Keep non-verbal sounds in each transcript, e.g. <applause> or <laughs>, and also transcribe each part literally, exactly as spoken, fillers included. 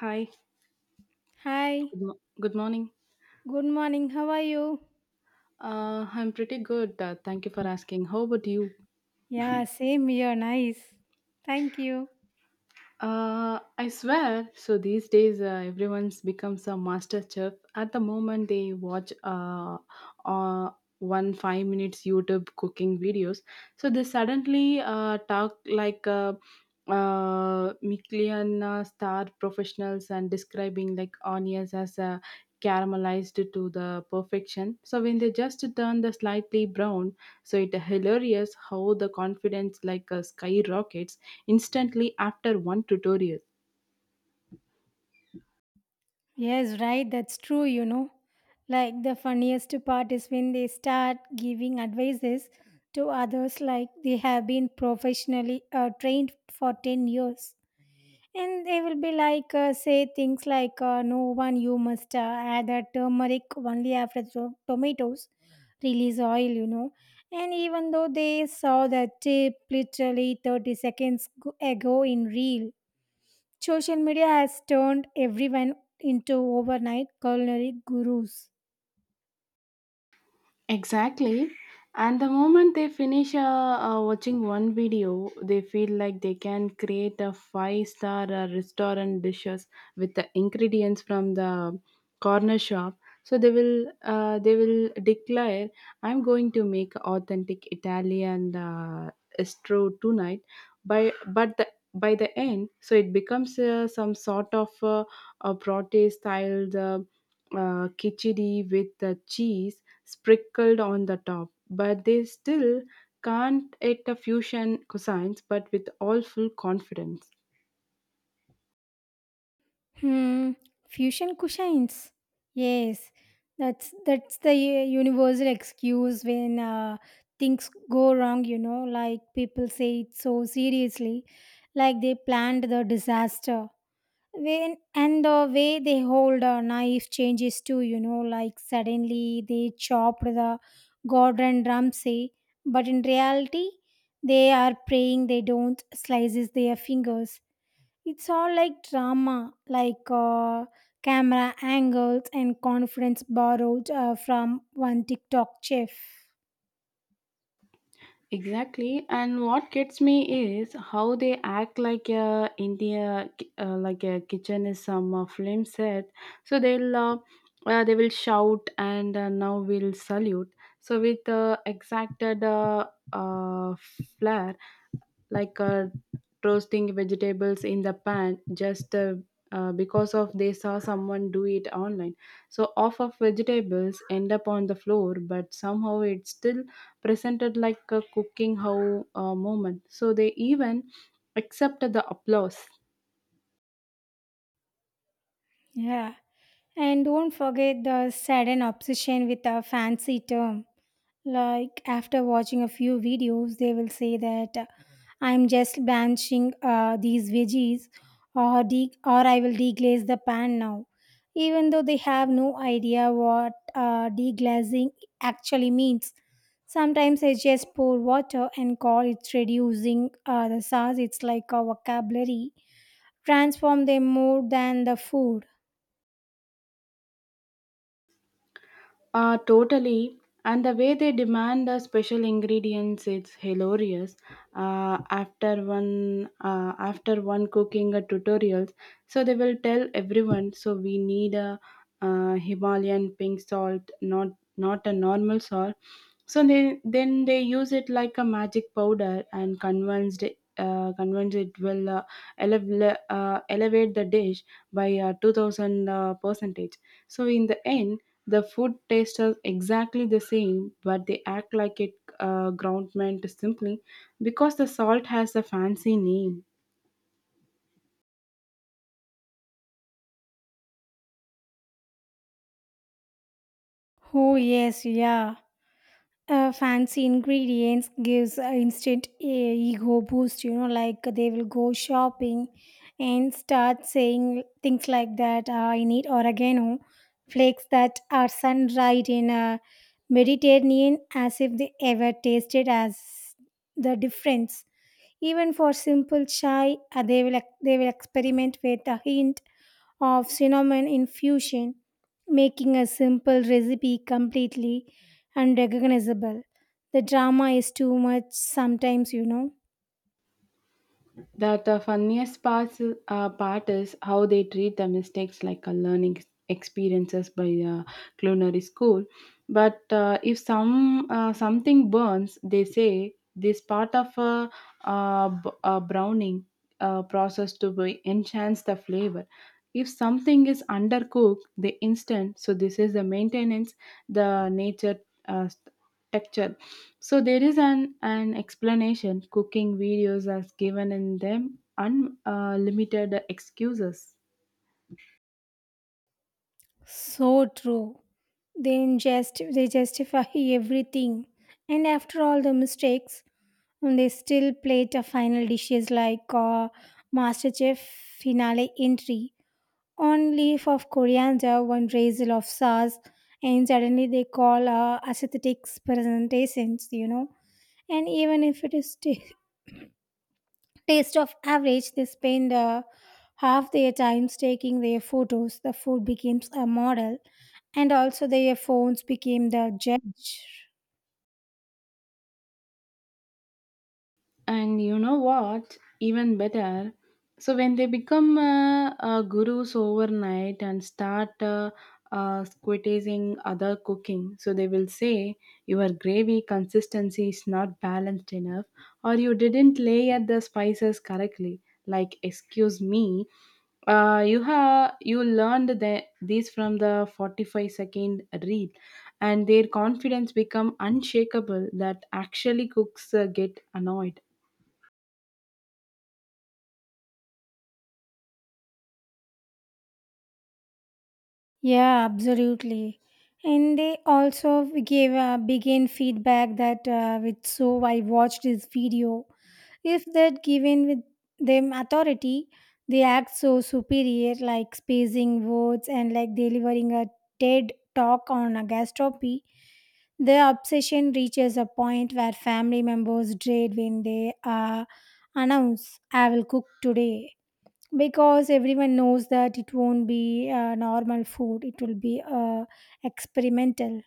Hi, Hi, good, mo- good morning. good morning. How are you? Uh, I'm pretty good. Uh, thank you for asking. How about you? Yeah, same here. Nice. Thank you. Uh, I swear. So these days, uh, everyone's becomes a master chef. At the moment, they watch uh, uh, one five minutes YouTube cooking videos. So they suddenly uh, talk like uh, uh, Michelin uh, star professionals and describing like onions as uh, caramelized to the perfection. So when they just turn the slightly brown, so it hilarious how the confidence like uh, skyrockets instantly after one tutorial. Yes, right. That's true, you know. Like the funniest part is when they start giving advices to others like they have been professionally uh, trained for ten years. And they will be like, uh, say things like, uh, no one, you must uh, add the turmeric only after the tomatoes release oil, you know. And even though they saw the tip literally thirty seconds go- ago in real, social media has turned everyone into overnight culinary gurus. Exactly. And the moment they finish uh, uh, watching one video, they feel like they can create a five star uh, restaurant dishes with the ingredients from the corner shop. So they will uh, they will declare, "I'm going to make authentic Italian uh, stew tonight." By but the by the end, so it becomes uh, some sort of uh, a protest style uh, uh, khichdi with the cheese sprinkled on the top, but they still can't eat a fusion cosines but with all full confidence. Hmm, fusion cushions. Yes, that's that's the u- universal excuse when uh, things go wrong. You know, like people say it so seriously, like they planned the disaster. When and the way they hold a knife changes too. You know, like suddenly they chopped the Gordon Ramsay, but in reality, they are praying they don't slices their fingers. It's all like drama like uh, camera angles and confidence borrowed uh, from one TikTok chef. Exactly, and what gets me is how they act like a India, uh, like a kitchen is some uh, film set. So they'll uh, uh, they will shout and uh, now we'll salute. So with uh, exacted uh, uh, flair like uh, roasting vegetables in the pan just uh, uh, because of they saw someone do it online so off of vegetables end up on the floor but somehow it's still presented like a cooking how uh, moment so they even accepted the applause. Yeah. And don't forget the sudden obsession with a fancy term. Like after watching a few videos, they will say that uh, I'm just blanching uh, these veggies, or de- or I will deglaze the pan now, even though they have no idea what uh, deglazing actually means. Sometimes I just pour water and call it reducing uh, the sauce. It's like a vocabulary. Transform them more than the food. Uh, totally. And the way they demand the special ingredients, it's hilarious. Uh, after one, uh, after one cooking a tutorials, so they will tell everyone. So we need a, uh Himalayan pink salt, not not a normal salt. So they then they use it like a magic powder and convinced uh, convinced it will uh, elev- uh, elevate the dish by uh, two thousand uh, percentage. So in the end the food tastes are exactly the same, but they act like it uh, ground meant simply because the salt has a fancy name. Oh yes, yeah. Uh, fancy ingredients gives a instant uh, ego boost. You know, like they will go shopping and start saying things like that. "Ah, I need oregano flakes that are sun dried in a Mediterranean, as if they ever tasted as the difference. Even for simple chai, uh, they will ex- they will experiment with a hint of cinnamon infusion, making a simple recipe completely unrecognizable. The drama is too much sometimes, you know. That the funniest parts, uh, part is how they treat the mistakes like a learning ex- experiences by uh, culinary school. But uh, if some uh, something burns, they say this part of a, uh, b- a browning uh, process to be enhance the flavor. If something is undercooked, the instant so this is the maintenance the nature uh, texture. So there is an, an explanation. Cooking videos as given in them unlimited uh, limited excuses. So true. Then just they justify <laughs> everything, and after all the mistakes, they still plate a final dishes like uh, MasterChef finale entry. One leaf of coriander, one drizzle of sauce, and suddenly they call uh, aesthetic presentations. You know, and even if it is ta <laughs> taste of average, they spend uh, half their times taking their photos, the food becomes a model, and also their phones became the judge. And you know what? Even better. So when they become uh, uh, gurus overnight and start uh, uh, criticizing other cooking, so they will say your gravy consistency is not balanced enough, or you didn't layer the spices correctly. Like, excuse me, uh, you have you learned the, these from the forty-five second read and their confidence become unshakable that actually cooks uh, get annoyed. Yeah, absolutely. And they also gave uh, began feedback that uh, with so I watched this video, if that given with them authority, they act so superior, like spacing words and like delivering a TED talk on a gastropy. The obsession reaches a point where family members dread when they uh, announce, I will cook today. Because everyone knows that it won't be uh, normal food, it will be uh, experimental.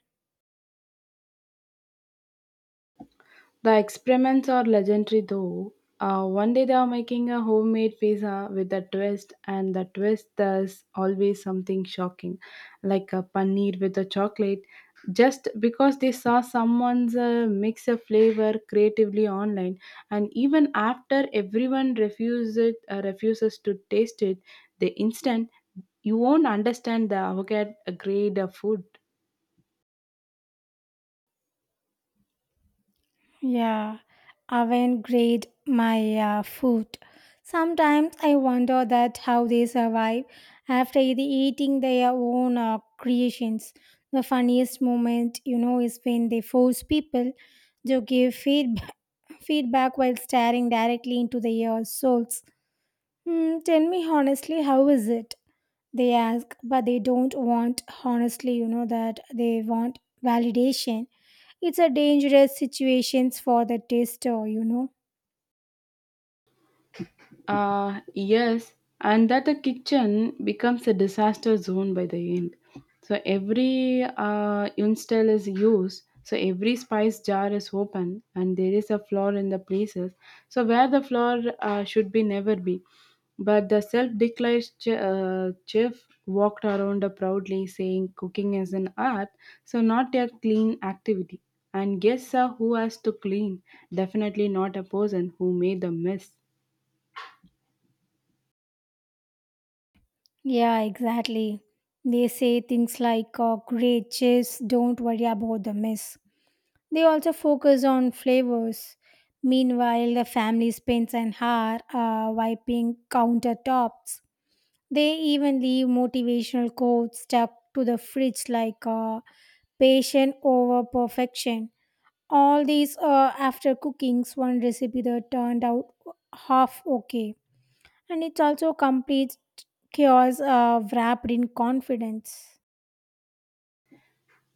The experiments are legendary though. Uh, one day they are making a homemade pizza with a twist, and the twist does always something shocking, like a paneer with a chocolate, just because they saw someone's uh, mix a flavor creatively online. And even after everyone refuses it, uh, refuses to taste it, the instant you won't understand the avocado grade of food. Yeah, I oven grade my uh, food. Sometimes I wonder that how they survive after e- eating their own uh, creations. The funniest moment, you know, is when they force people to give feedback. Feedback while staring directly into their souls. Hmm, tell me honestly, how is it? They ask, but they don't want honestly, you know, that they want validation. It's a dangerous situations for the tester, you know. Uh, yes, and that the kitchen becomes a disaster zone by the end. So every uh, utensil is used, so every spice jar is open, and there is a floor in the places. So where the floor uh, should be never be. But the self-declared ch- uh, chef walked around proudly, saying, "Cooking is an art, so not a clean activity." And guess uh, who has to clean? Definitely not a person who made the mess. Yeah, exactly. They say things like, oh, great, cheers, don't worry about the mess. They also focus on flavors. Meanwhile, the family spends an hour uh, wiping countertops. They even leave motivational quotes stuck to the fridge like uh, patient over perfection. All these uh, after cooking one recipe that turned out half okay. And it's also complete chaos uh, wrapped in confidence.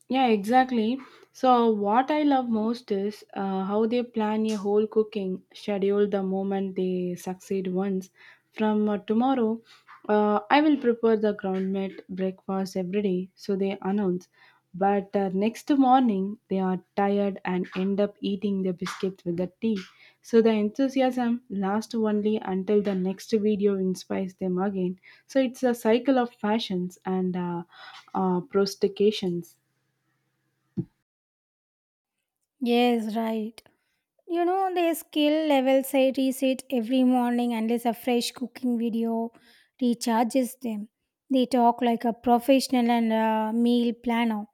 Yeah, exactly. So, what I love most is uh, how they plan a whole cooking schedule the moment they succeed once. From uh, tomorrow, uh, I will prepare the ground meat breakfast every day, so they announce. But uh, next morning, they are tired and end up eating the biscuits with the tea. So, the enthusiasm lasts only until the next video inspires them again. So, it's a cycle of fashions and uh, uh, prostications. Yes, right. You know, their skill levels I reset every morning unless a fresh cooking video recharges them. They talk like a professional and a meal planner.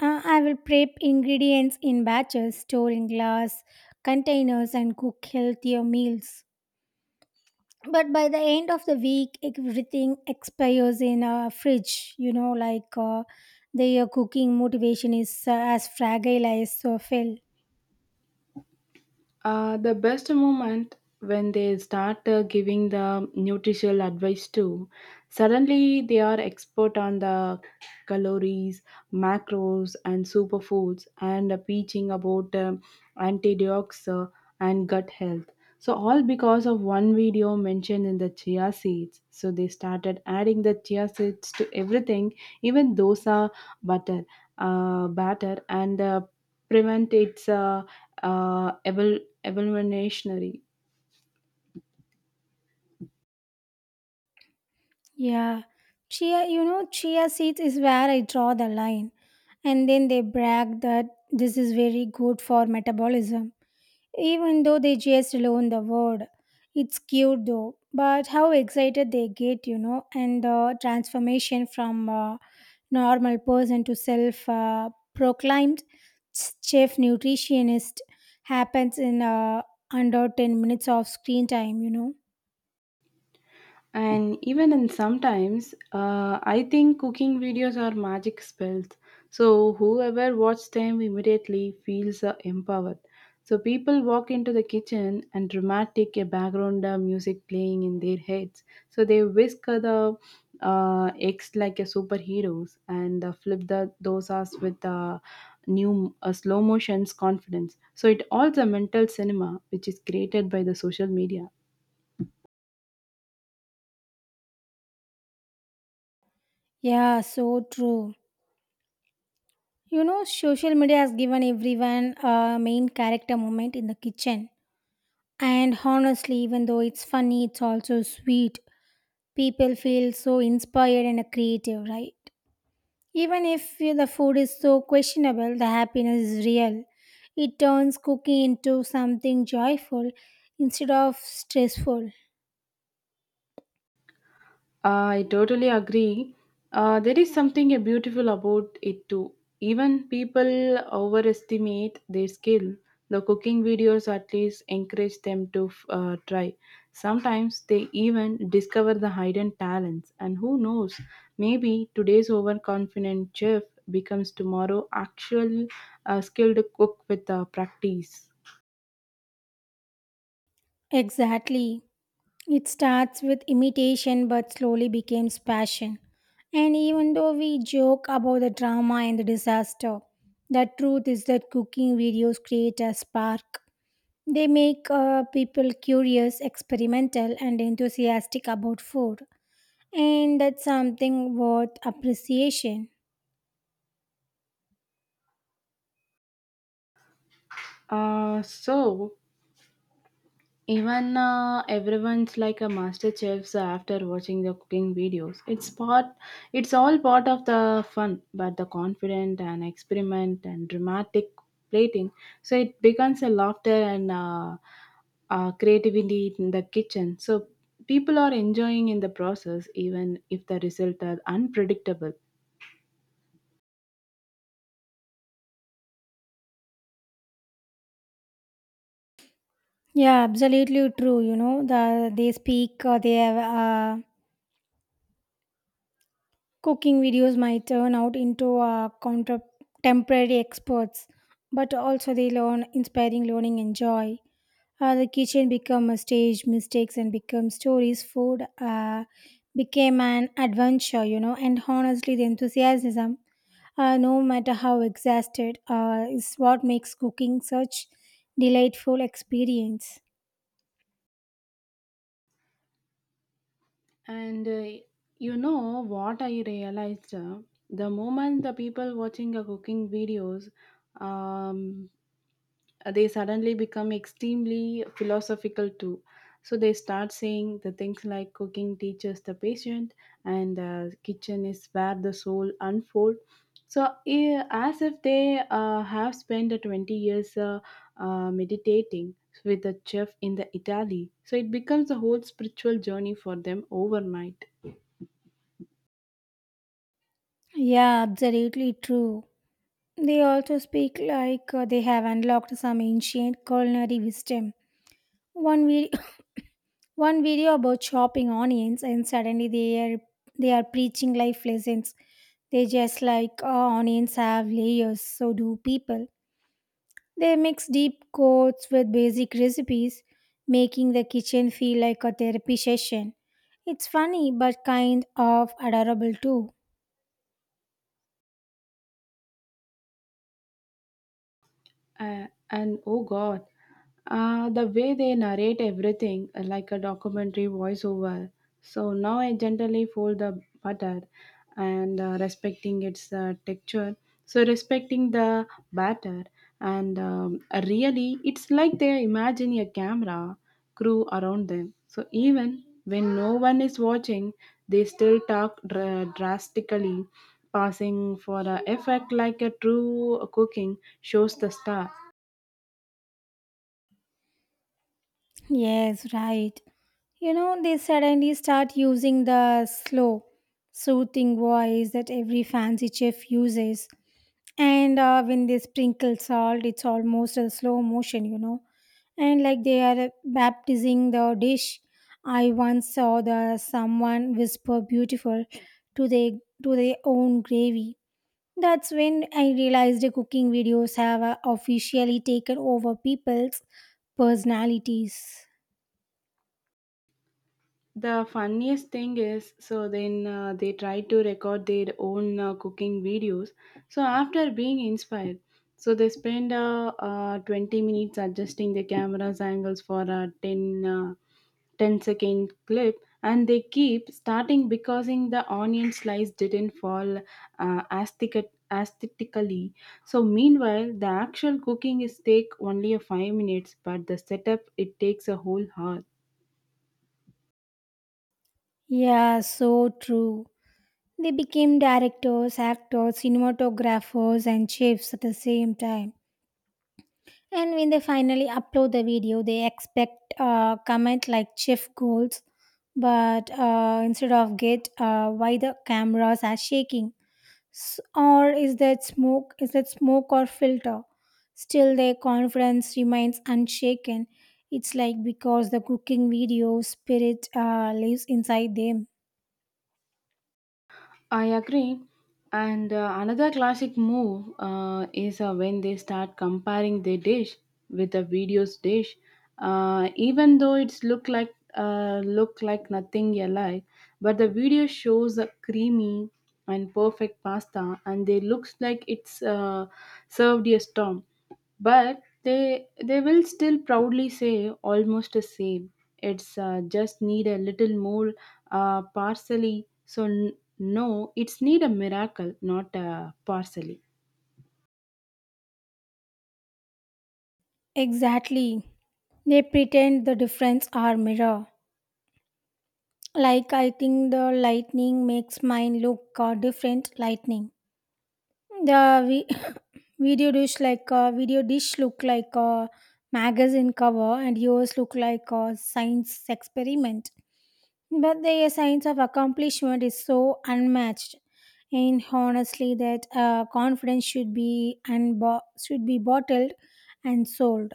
Uh, I will prep ingredients in batches, store in glass containers, and cook healthier meals. But by the end of the week, everything expires in a fridge. You know, like uh, their cooking motivation is uh, as fragile as so fell. Uh, the best moment when they start uh, giving the nutritional advice too. Suddenly, they are expert on the calories, macros, and superfoods, and uh, preaching about um, antioxidants uh, and gut health. So all because of one video mentioned in the chia seeds. So they started adding the chia seeds to everything, even dosa butter, uh, batter, and uh, prevent its uh, uh, evol- evolutionary. Yeah, chia. You know, chia seeds is where I draw the line, and then they brag that this is very good for metabolism, even though they just loan the word. It's cute though, but how excited they get, you know, and the transformation from uh, normal person to self uh, proclaimed chef nutritionist happens in uh, under ten minutes of screen time, you know. And even in sometimes uh, I think cooking videos are magic spells so whoever watches them immediately feels uh, empowered so people walk into the kitchen and dramatic a background uh, music playing in their heads so they whisk the uh, eggs like a superheroes and uh, flip the dosas with uh, new uh, slow motions confidence so it all the mental cinema which is created by the social media. Yeah, so true. You know, social media has given everyone a main character moment in the kitchen. And honestly, even though it's funny, it's also sweet. People feel so inspired and creative, right? Even if the food is so questionable, the happiness is real. It turns cooking into something joyful instead of stressful. I totally agree. Uh, there is something uh, beautiful about it too. Even people overestimate their skill. The cooking videos at least encourage them to uh, try. Sometimes they even discover the hidden talents. And who knows, maybe today's overconfident chef becomes tomorrow actual uh, skilled cook with uh, practice. Exactly. It starts with imitation but slowly becomes passion. And even though we joke about the drama and the disaster, the truth is that cooking videos create a spark. They make uh, people curious, experimental, and enthusiastic about food. And that's something worth appreciation. Uh, so even uh, everyone's like a master chefs after watching the cooking videos. It's part, it's all part of the fun, but the confident and experiment and dramatic plating. So it becomes a laughter and uh, uh, creativity in the kitchen. So people are enjoying in the process, even if the result are unpredictable. Yeah, absolutely true. You know, the they speak, uh, they have uh, cooking videos might turn out into uh, counter- temporary experts, but also they learn inspiring learning and joy. Uh, the kitchen become a stage, mistakes and become stories. Food uh, became an adventure, you know, and honestly, the enthusiasm uh, no matter how exhausted, uh, is what makes cooking such delightful experience. And uh, you know what I realized? uh, The moment the people watching a cooking videos, um, they suddenly become extremely philosophical too. So they start saying the things like cooking teaches the patient, and uh, kitchen is where the soul unfold. So eh, as if they uh, have spent the twenty years uh, uh, meditating with the chef in the Italy. So it becomes a whole spiritual journey for them overnight. Yeah, absolutely true. They also speak like uh, they have unlocked some ancient culinary wisdom. One video, <coughs> one video about chopping onions, and suddenly they are they are preaching life lessons. They just like oh, onions have layers, so do people. They mix deep cuts with basic recipes, making the kitchen feel like a therapy session. It's funny but kind of adorable too. Uh, and oh God, uh, the way they narrate everything uh, like a documentary voiceover. So now I gently fold the butter and uh, respecting its uh, texture. So respecting the batter and um, really, it's like they are imagining a camera crew around them. So even when no one is watching, they still talk dra- drastically, passing for a effect like a true cooking shows the star. Yes, right. You know, they suddenly start using the slow, soothing voice that every fancy chef uses, and uh, when they sprinkle salt, it's almost a slow motion, you know, and like they are baptizing the dish. I once saw the someone whisper beautiful to their to their own gravy. That's when I realized the cooking videos have uh, officially taken over people's personalities. The funniest thing is, so then uh, they tried to record their own uh, cooking videos. So after being inspired, so they spend uh, uh, twenty minutes adjusting the camera's angles for a ten, uh, ten second clip and they keep starting because in the onion slice didn't fall uh, aesthetic- aesthetically. So meanwhile, the actual cooking is take only a five minutes, but the setup it takes a whole hour. Yeah, so true. They became directors, actors, cinematographers, and chefs at the same time. And when they finally upload the video, they expect uh, comment like chef goals, but uh, instead of get uh, why the cameras are shaking, S- or is that smoke? Is that smoke or filter? Still, their confidence remains unshaken. It's like because the cooking video spirit uh, lives inside them. I agree. And uh, another classic move uh, is uh, when they start comparing their dish with the video's dish, uh, even though it's look like uh, look like nothing alike. But the video shows a creamy and perfect pasta, and they looks like it's uh, served a storm but they they will still proudly say almost the same it's uh, just need a little more uh, parsley so n- no it's need a miracle not a parsley. Exactly, they pretend the difference are mirror. Like I think the lightning makes mine look uh, different. Lightning. The vi- <laughs> <clears throat> video dish like uh, video dish look like a magazine cover, and yours look like a science experiment. But the science of accomplishment is so unmatched. And honestly, that uh, confidence should be unbo- should be bottled and sold.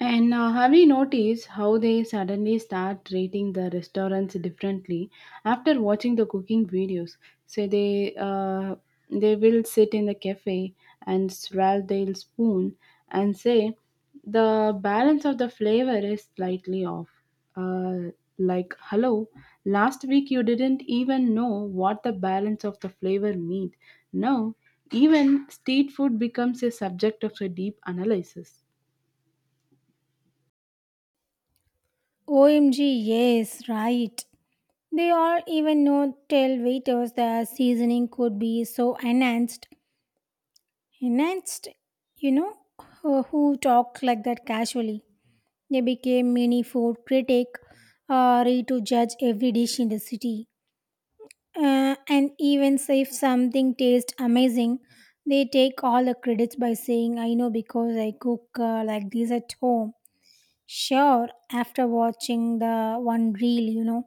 And uh, have you noticed how they suddenly start rating the restaurants differently after watching the cooking videos? So they uh, they will sit in the cafe and swirl their spoon and say the balance of the flavor is slightly off. Uh, like hello, last week you didn't even know what the balance of the flavor meant. Now even street food becomes a subject of a deep analysis. O M G, yes, right. They all even know tell waiters the seasoning could be so enhanced. Enhanced, you know, who who talk like that casually. They became mini food critic, uh, ready to judge every dish in the city. Uh, and even if something tastes amazing, they take all the credits by saying, "I know because I cook uh, like this at home." Sure, after watching the one reel, you know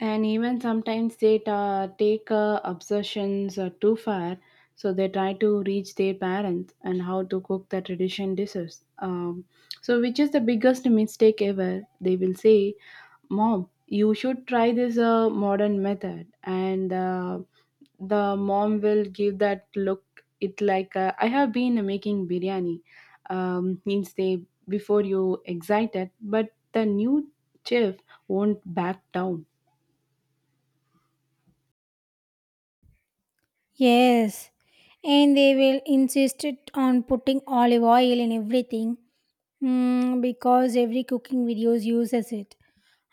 And even sometimes they ta- take uh, obsessions uh, too far so they try to reach their parents and how to cook the tradition dishes um, so which is the biggest mistake ever they will say mom you should try this uh, modern method and uh, the mom will give that look it like uh, I have been making biryani um, means they before you excited but the new chef won't back down. Yes, and they will insist it on putting olive oil in everything, mm, because every cooking videos uses it.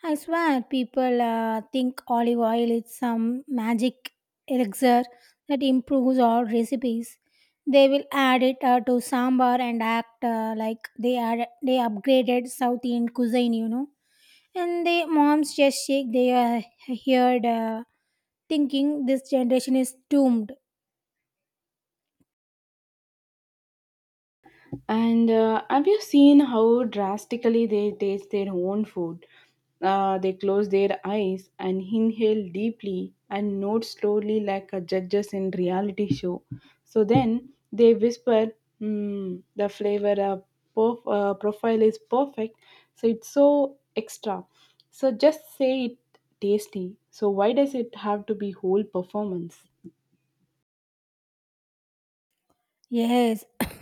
I swear, people uh, think olive oil is some magic elixir that improves all recipes. They will add it uh, to sambar and act uh, like they are they upgraded South Indian cuisine, you know. And the moms just shake their head, uh, thinking this generation is doomed. And uh, have you seen how drastically they taste their own food? Uh, they close their eyes and inhale deeply and note slowly like a judges in reality show. So then they whisper, "Hmm, the flavor uh, prof- uh, profile is perfect. So it's so extra. So just say it tasty. So why does it have to be whole performance? Yes. <coughs>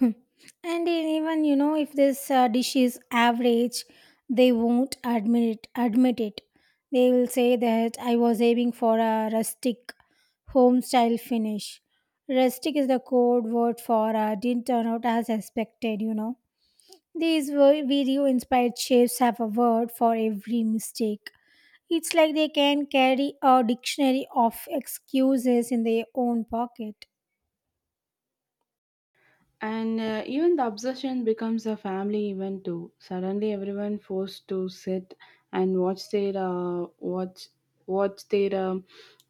And even you know if this uh, dish is average, they won't admit it, admit it. They will say that I was aiming for a rustic home style finish. Rustic is the code word for uh, didn't turn out as expected, you know. These video inspired chefs have a word for every mistake. It's like they can carry a dictionary of excuses in their own pocket. And uh, even the obsession becomes a family event too. Suddenly, everyone forced to sit and watch their uh, watch watch their um,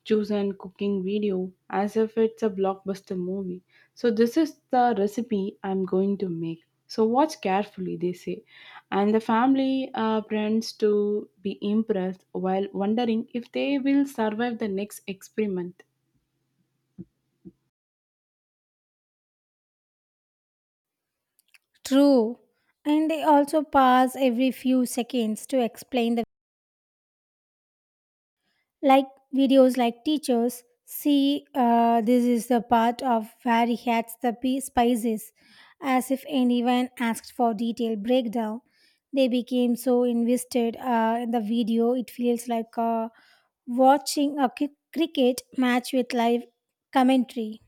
chosen cooking video as if it's a blockbuster movie. So this is the recipe I'm going to make. So watch carefully, they say, and the family uh, pretends to be impressed while wondering if they will survive the next experiment. True. And they also pause every few seconds to explain the like videos like teachers see uh, this is the part of where he adds the pi- spices, as if anyone asked for detailed breakdown. They became so invested uh, in the video, it feels like uh, watching a cri- cricket match with live commentary.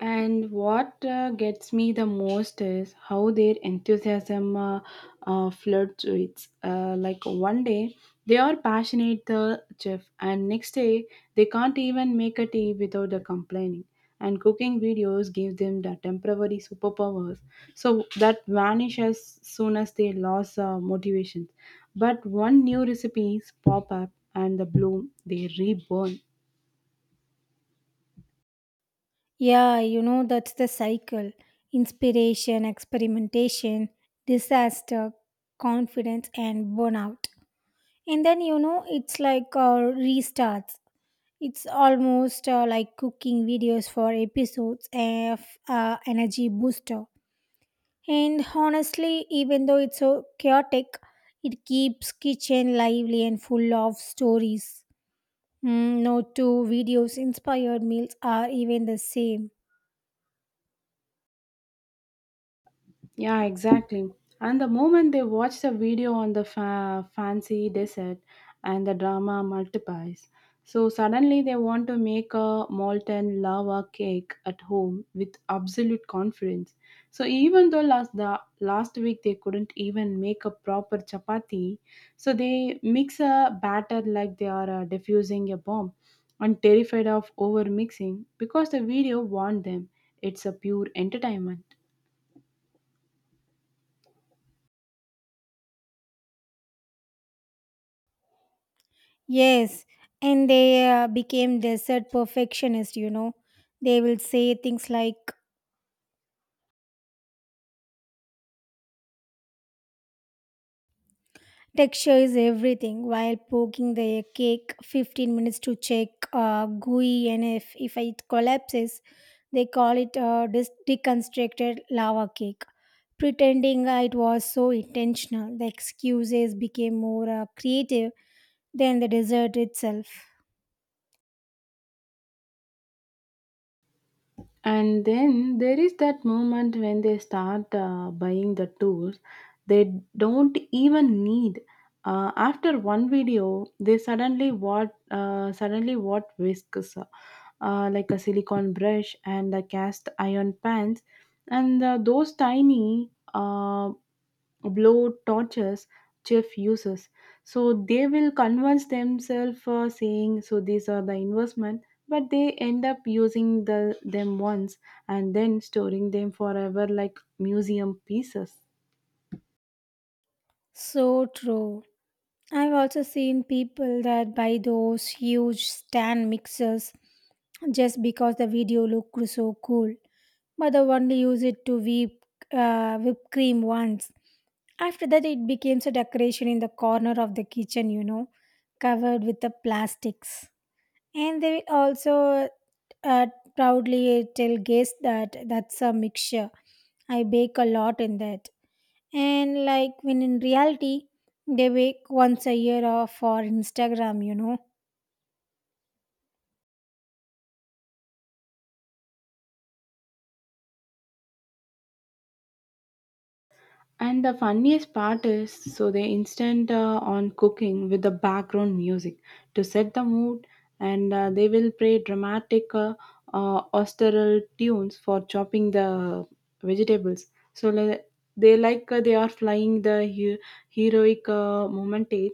And what uh, gets me the most is how their enthusiasm uh, uh, fluctuates. Uh, like one day they are passionate the chef, and next day they can't even make a tea without the complaining. And cooking videos give them the temporary superpowers, so that vanish as soon as they lose uh, motivation. But one new recipes pop up, and the bloom they reborn. Yeah, you know, that's the cycle: inspiration, experimentation, disaster, confidence, and burnout. And then, you know, it's like uh, restarts. It's almost uh, like cooking videos for episodes of uh, Energy Booster. And honestly, even though it's so chaotic, it keeps kitchen lively and full of stories. Mm, no two videos inspired meals are even the same. Yeah, exactly. And the moment they watch the video on the fa- fancy dessert and the drama multiplies. So suddenly they want to make a molten lava cake at home with absolute confidence. So even though last the last week they couldn't even make a proper chapati, so they mix a batter like they are uh, diffusing a bomb and terrified of over mixing because the video warned them it's a pure entertainment. Yes, and they uh, became desert perfectionists, you know. They will say things like texture is everything while poking the cake fifteen minutes to check uh, gooey, and if, if it collapses, they call it uh, dis- deconstructed lava cake. Pretending uh, it was so intentional, the excuses became more uh, creative than the dessert itself. And then there is that moment when they start uh, buying the tools they don't even need. Uh, after one video, they suddenly what uh, suddenly what whisks, uh, like a silicone brush and a cast iron pans, and uh, those tiny uh, blow torches Jeff uses. So they will convince themselves uh, saying, so these are the investment, but they end up using the them once and then storing them forever like museum pieces. So true. I've also seen people that buy those huge stand mixers just because the video looked so cool, but they only use it to whip uh, whipped cream once. After that, it becomes a decoration in the corner of the kitchen, you know, covered with the plastics. And they will also uh, proudly tell guests that that's a mixture. I bake a lot in that, and like when in reality they wake once a year off for Instagram, you know. And the funniest part is, so they instant uh, on cooking with the background music to set the mood, and uh, they will play dramatic uh, uh, austeral tunes for chopping the vegetables. So le- they like uh, they are flying the he- heroic uh, momentage.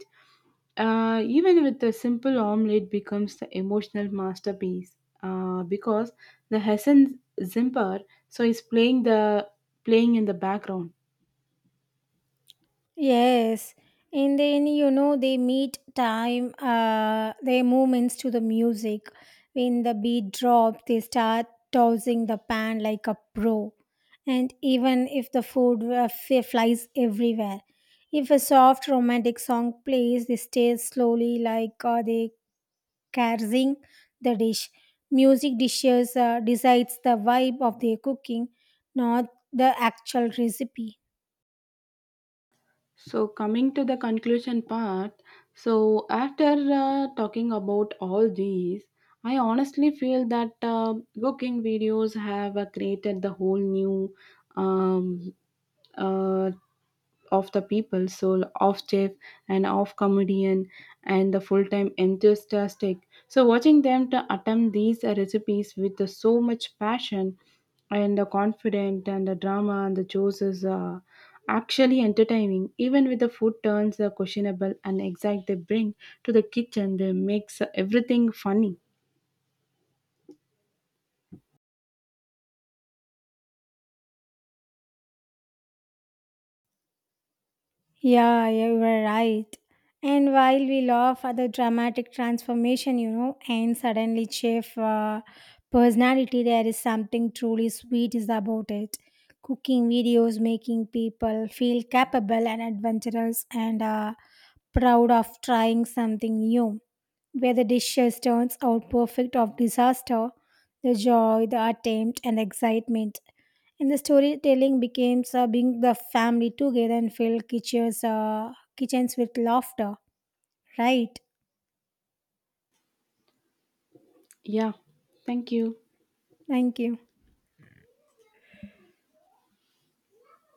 Uh, even with the simple omelette becomes the emotional masterpiece uh, because the Hessen Zimper so is playing the playing in the background. Yes, and then you know they meet time uh their movements to the music. When the beat drop, they start tossing the pan like a pro, and even if the food uh, f- flies everywhere. If a soft romantic song plays, they stay slowly like uh, they caressing the dish. Music dishes uh, decides the vibe of their cooking, not the actual recipe. So, coming to the conclusion part, so after uh, talking about all these, I honestly feel that uh, cooking videos have uh, created the whole new um, uh, of the people, so of chef and of comedian and the full-time enthusiastic. So watching them to attempt these uh, recipes with uh, so much passion and the confident and the drama and the jokes is uh, actually entertaining. Even with the food turns uh, questionable and exact they bring to the kitchen, they makes everything funny. Yeah, you were right. And while we laugh at the dramatic transformation, you know, and suddenly chef uh, personality, there is something truly sweet is about it. Cooking videos making people feel capable and adventurous and uh, proud of trying something new. Where the dishes turns out perfect of disaster, the joy, the attempt, and the excitement. And the storytelling becomes uh, being the family together and fill kitchens, uh, kitchens with laughter. Right. Yeah, thank you. Thank you.